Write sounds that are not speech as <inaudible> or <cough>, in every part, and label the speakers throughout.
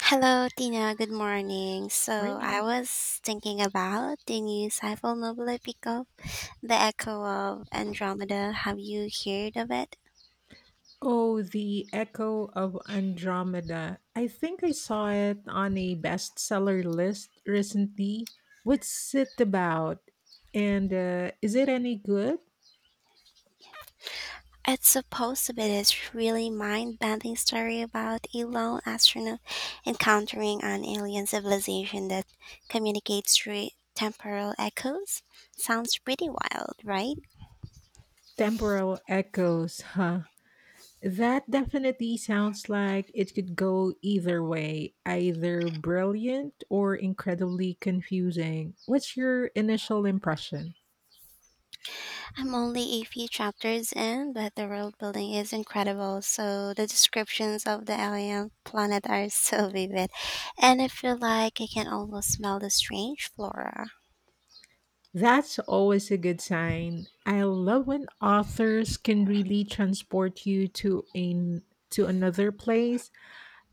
Speaker 1: Hello, Tina. Good morning. So I
Speaker 2: Really?
Speaker 1: was thinking about the new sci-fi novel I picked up, The Echo of Andromeda. Have you heard of it?
Speaker 2: Oh, The Echo of Andromeda. I think I saw it on a bestseller list recently. What's it about? And is it any good?
Speaker 1: It's supposed to be this really mind-bending story about a lone astronaut encountering an alien civilization that communicates through temporal echoes. Sounds pretty wild, right?
Speaker 2: Temporal echoes, huh? That definitely sounds like it could go either way, either brilliant or incredibly confusing. What's your initial impression?
Speaker 1: I'm only a few chapters in, but the world building is incredible. So the descriptions of the alien planet are <laughs> so vivid, and I feel like I can almost smell the strange flora.
Speaker 2: That's always a good sign. I love when authors can really transport you to another place.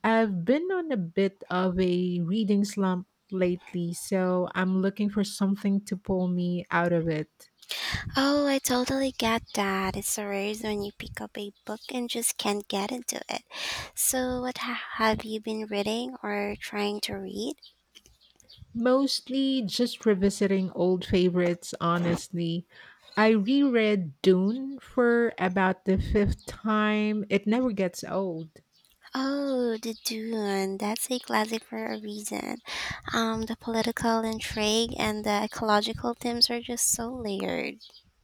Speaker 2: I've been on a bit of a reading slump lately, so I'm looking for something to pull me out of it.
Speaker 1: Oh, I totally get that. It's so rare when you pick up a book and just can't get into it. So have you been reading or trying to read?
Speaker 2: Mostly just revisiting old favorites, honestly. I reread Dune for about the fifth time. It never gets old.
Speaker 1: Oh, The Dune. That's a classic for a reason, the political intrigue and the ecological themes are just so layered.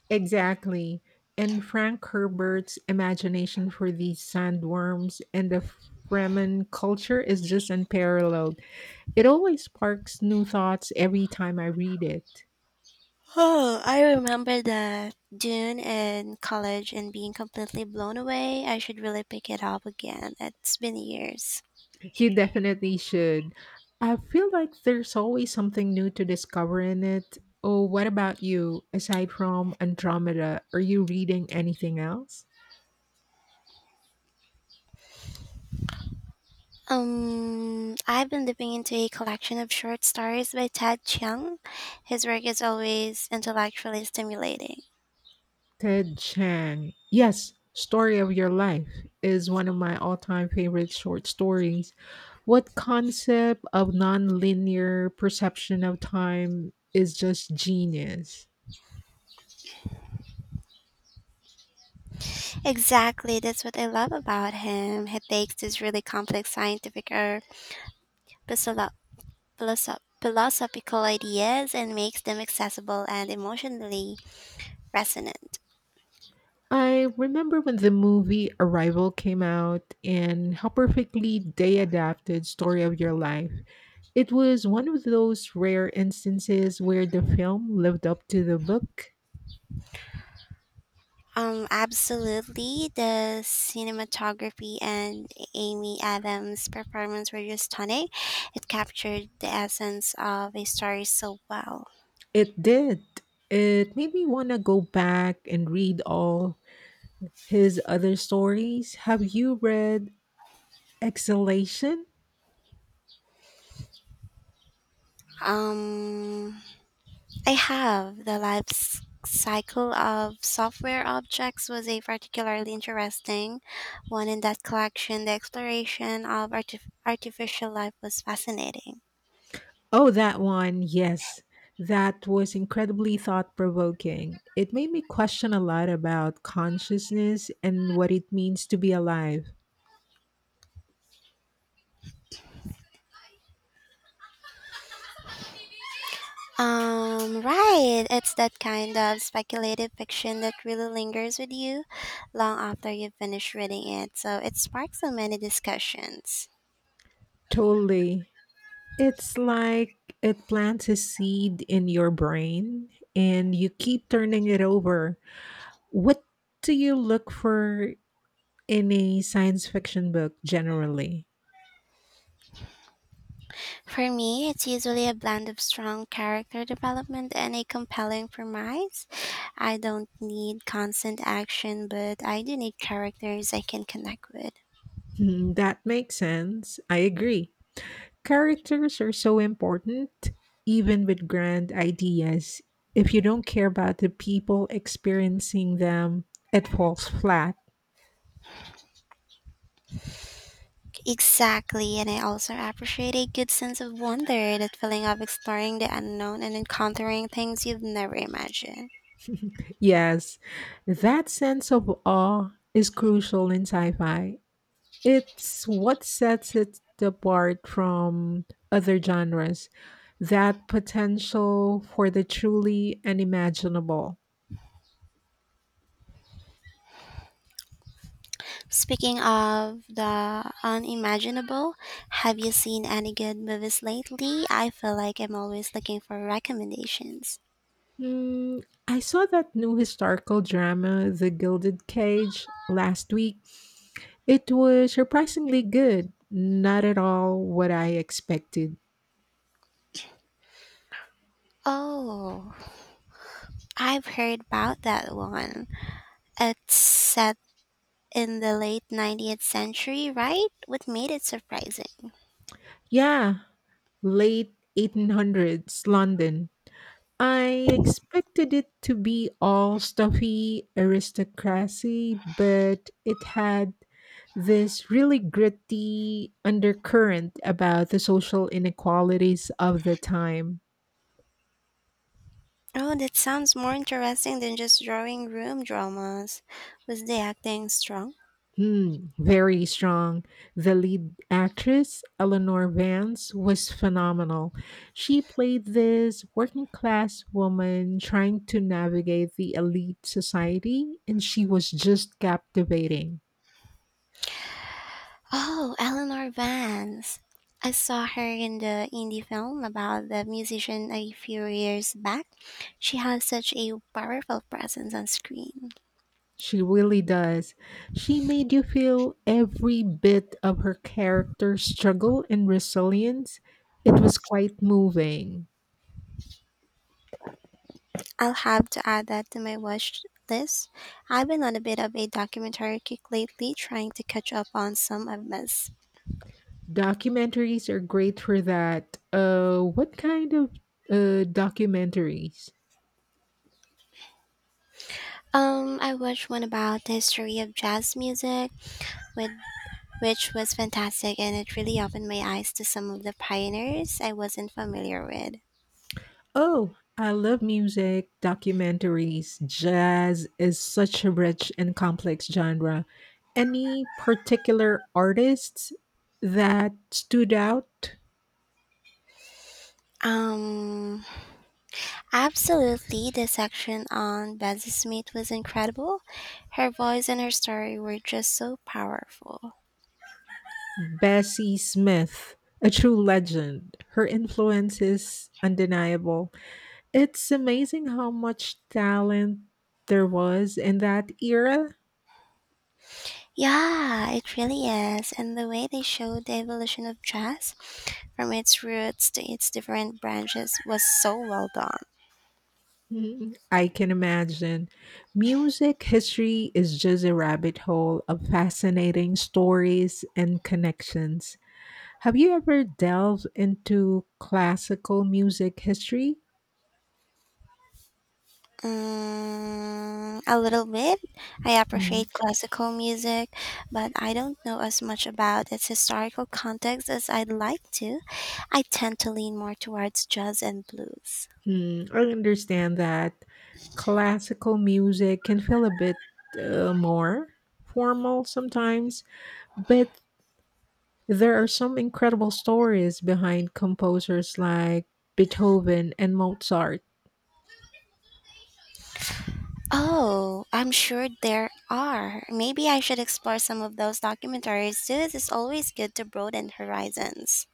Speaker 2: Exactly. And Frank Herbert's imagination for these sandworms and the Fremen culture is just unparalleled. It always sparks new thoughts every time I read it.
Speaker 1: Oh, I remember that Dune in college and being completely blown away. I should really pick it up again. It's been years.
Speaker 2: You definitely should. I feel like there's always something new to discover in it. Oh, what about you? Aside from Andromeda, are you reading anything else?
Speaker 1: I've been dipping into a collection of short stories by Ted Chiang. His work is always intellectually stimulating.
Speaker 2: Ted Chiang. Yes, Story of Your Life is one of my all time favorite short stories. What concept of nonlinear perception of time is just genius?
Speaker 1: Exactly, that's what I love about him. He takes these really complex scientific or philosoph- philosophical ideas and makes them accessible and emotionally resonant.
Speaker 2: I remember when the movie Arrival came out and how perfectly they adapted Story of Your Life. It was one of those rare instances where the film lived up to the book.
Speaker 1: Absolutely. The cinematography and Amy Adams' performance were just stunning. It captured the essence of a story so well.
Speaker 2: It did. It made me want to go back and read all his other stories. Have you read Exhalation?
Speaker 1: Um, I have the cycle of software objects was a particularly interesting one in that collection. The exploration of artificial life was fascinating.
Speaker 2: Oh, that one. Yes. That was incredibly thought provoking. It made me question a lot about consciousness and what it means to be alive.
Speaker 1: Right. It's that kind of speculative fiction that really lingers with you long after you finish reading it, so it sparks so many discussions.
Speaker 2: Totally. It's like it plants a seed in your brain and you keep turning it over. What do you look for in a science fiction book generally?
Speaker 1: For me, it's usually a blend of strong character development and a compelling premise. I don't need constant action, but I do need characters I can connect with.
Speaker 2: Hmm, that makes sense. I agree. Characters are so important, even with grand ideas. If you don't care about the people experiencing them, it falls flat.
Speaker 1: Exactly, and I also appreciate a good sense of wonder, that feeling of exploring the unknown and encountering things you've never imagined.
Speaker 2: <laughs> Yes, that sense of awe is crucial in sci fi. It's what sets it apart from other genres that potential for the truly unimaginable.
Speaker 1: Speaking of the unimaginable, have you seen any good movies lately? I feel like I'm always looking for recommendations.
Speaker 2: Hmm, I saw that new historical drama, The Gilded Cage, last week. It was surprisingly good, not at all what I expected.
Speaker 1: Oh, I've heard about that one. It's set in the late 19th century, right? What made it surprising?
Speaker 2: Yeah, late 1800s London. I expected it to be all stuffy aristocracy, but it had this really gritty undercurrent about the social inequalities of the time.
Speaker 1: Oh, that sounds more interesting than just drawing room dramas. Was the acting strong?
Speaker 2: Hmm, very strong. The lead actress, Eleanor Vance, was phenomenal. She played this working class woman trying to navigate the elite society, and she was just captivating.
Speaker 1: Oh, Eleanor Vance. I saw her in the indie film about the musician a few years back. She has such a powerful presence on screen.
Speaker 2: She really does. She made you feel every bit of her character's struggle and resilience. It was quite moving.
Speaker 1: I'll have to add that to my watch list. I've been on a bit of a documentary kick lately, trying to catch up on some I've missed.
Speaker 2: Documentaries are great for that. What kind of documentaries?
Speaker 1: I watched one about the history of jazz music, with, which was fantastic, and it really opened my eyes to some of the pioneers I wasn't familiar with.
Speaker 2: Oh, I love music, documentaries. Jazz is such a rich and complex genre. Any particular artists that stood out?
Speaker 1: Um, Absolutely, the section on Bessie Smith was incredible. Her voice and her story were just so powerful.
Speaker 2: Bessie Smith, a true legend. Her influence is undeniable. It's amazing how much talent there was in that era.
Speaker 1: Yeah, it really is. And the way they showed the evolution of jazz from its roots to its different branches was so well done.
Speaker 2: Mhm. I can imagine. Music history is just a rabbit hole of fascinating stories and connections. Have you ever delved into classical music history?
Speaker 1: Mm, a little bit. I appreciate
Speaker 2: Mhm.
Speaker 1: classical music, but I don't know as much about its historical context as I'd like to. I tend to lean more towards jazz and blues.
Speaker 2: Hmm, I understand that classical music can feel a bit more formal sometimes, but there are some incredible stories behind composers like Beethoven and Mozart.
Speaker 1: Oh, I'm sure there are. Maybe I should explore some of those documentaries too. It's always good to broaden horizons.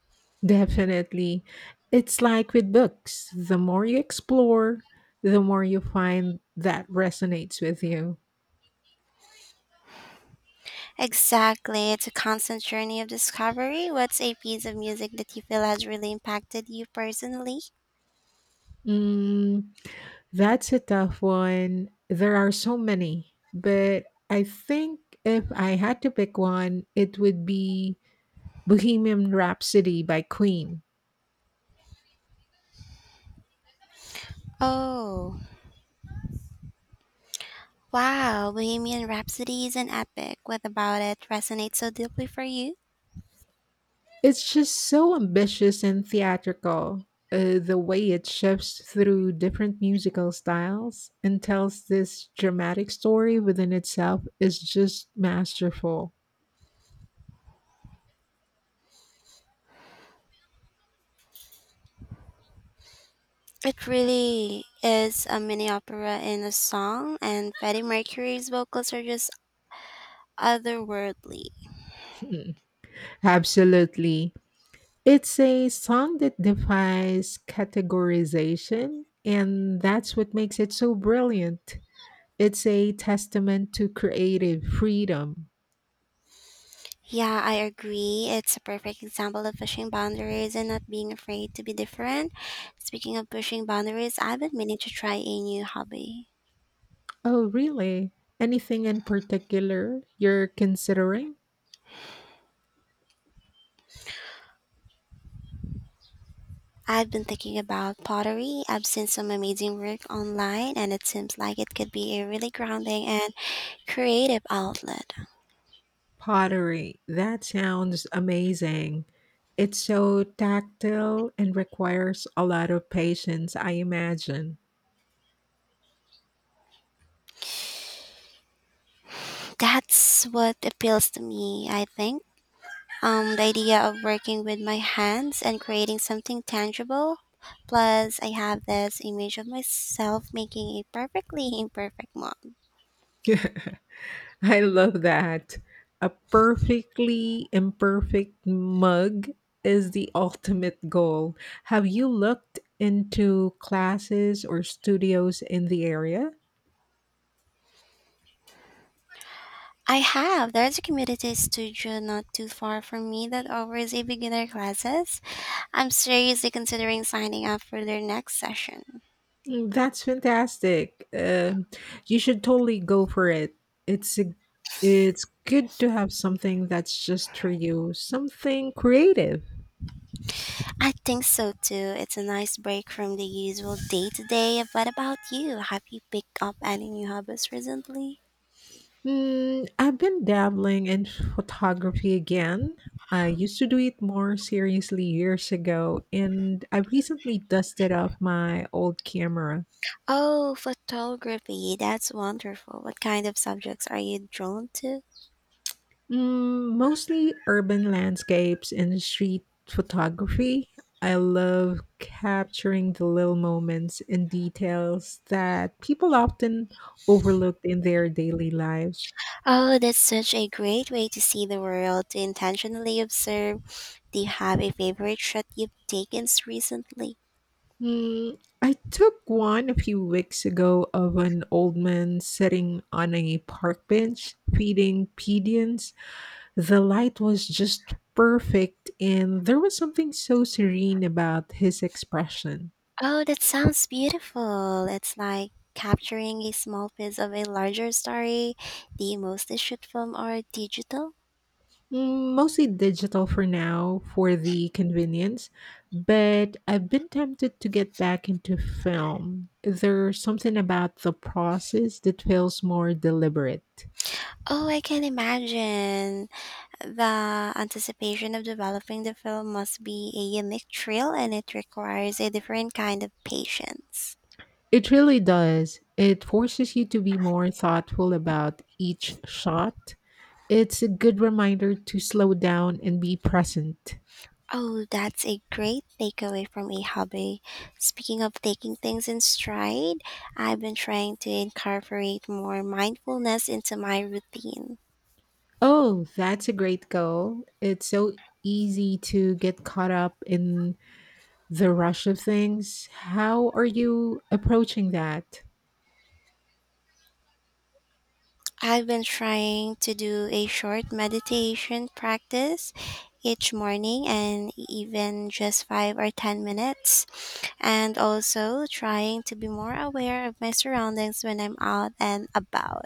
Speaker 2: Definitely. It's like with books the more you explore, the more you find that resonates with you.
Speaker 1: Exactly. It's a constant journey of discovery. What's a piece of music that you feel has really impacted you personally?
Speaker 2: Mm, that's a tough one. There are so many, but I think if I had to pick one, it would be Bohemian Rhapsody by Queen.
Speaker 1: Oh, wow. Bohemian Rhapsody is an epic. What about it resonates so deeply for you?
Speaker 2: It's just so ambitious and theatrical. The way it shifts through different musical styles and tells this dramatic story within itself is just masterful.
Speaker 1: It really is a mini opera in a song, and Freddie Mercury's vocals are just otherworldly.
Speaker 2: Hmm. Absolutely. It's a song that defies categorization, and that's what makes it so brilliant. It's a testament to creative freedom.
Speaker 1: Yeah, I agree. It's a perfect example of pushing boundaries and not being afraid to be different. Speaking of pushing boundaries, I've been meaning to try a new hobby.
Speaker 2: Oh, really? Anything in particular you're considering?
Speaker 1: I've been thinking about pottery. I've seen some amazing work online, and it seems like it could be a really grounding and creative outlet.
Speaker 2: Pottery. That sounds amazing. It's so tactile and requires a lot of patience, I imagine.
Speaker 1: That's what appeals to me, I think. The idea of working with my hands and creating something tangible. Plus, I have this image of myself making a perfectly <laughs> imperfect mug.
Speaker 2: <laughs> <laughs> I love that. A perfectly imperfect mug is the <laughs> ultimate goal. Have you looked into classes or studios in the area?
Speaker 1: I have. There's a community studio not too far from me that offers a beginner classes. I'm seriously considering signing up for their next session.
Speaker 2: Mm, that's fantastic. You should totally go for it. It's a, it's good to have something that's just for you, something creative.
Speaker 1: I think so too. It's a nice break from the usual day to day. What about you? Have you picked up any new hobbies recently?
Speaker 2: Mm, I've been dabbling in photography again. I used to do it more seriously years ago, and I recently dusted off my old camera.
Speaker 1: Oh, photography. That's wonderful. What kind of subjects are you drawn to?
Speaker 2: Mm, mostly urban landscapes and street photography. I love capturing the little moments and details that people often overlook in their daily lives.
Speaker 1: Oh, that's such a great way to see the world, to intentionally observe. Do you have a favorite shot you've recently?
Speaker 2: Mm, I took one a few weeks ago of an old man sitting on a park bench feeding pigeons. The light was just perfect, and there was something so serene about his expression.
Speaker 1: Oh, that sounds beautiful. It's like capturing a small piece of a larger story. Do you mostly shoot film or digital?
Speaker 2: Mm, mostly digital for now, for the convenience, but I've been tempted to get back into film. There's something about the process that feels more deliberate.
Speaker 1: Oh, I can imagine. The anticipation of developing the film must be a unique thrill and it requires a different kind of patience.
Speaker 2: It really does. It forces you to be more thoughtful about each shot. It's a good reminder to slow down and be present.
Speaker 1: Oh, that's a great takeaway from a hobby. Speaking of taking things in stride, I've been trying to incorporate more mindfulness into my routine.
Speaker 2: Oh, that's a great goal. It's so easy to get caught up in the rush of things. How are you approaching that?
Speaker 1: I've been trying to do a short meditation practice each morning and even just 5 or 10 minutes, and also trying to be more aware of my surroundings when I'm out and about.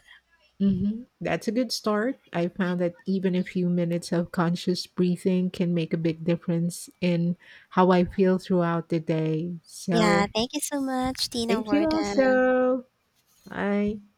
Speaker 2: Hmm, that's a good start. I found that even a few minutes of conscious breathing can make a big difference in how I feel throughout the day.
Speaker 1: Yeah,
Speaker 2: So
Speaker 1: thank you so much, Tina
Speaker 2: thank you
Speaker 1: Warden.
Speaker 2: also. Bye.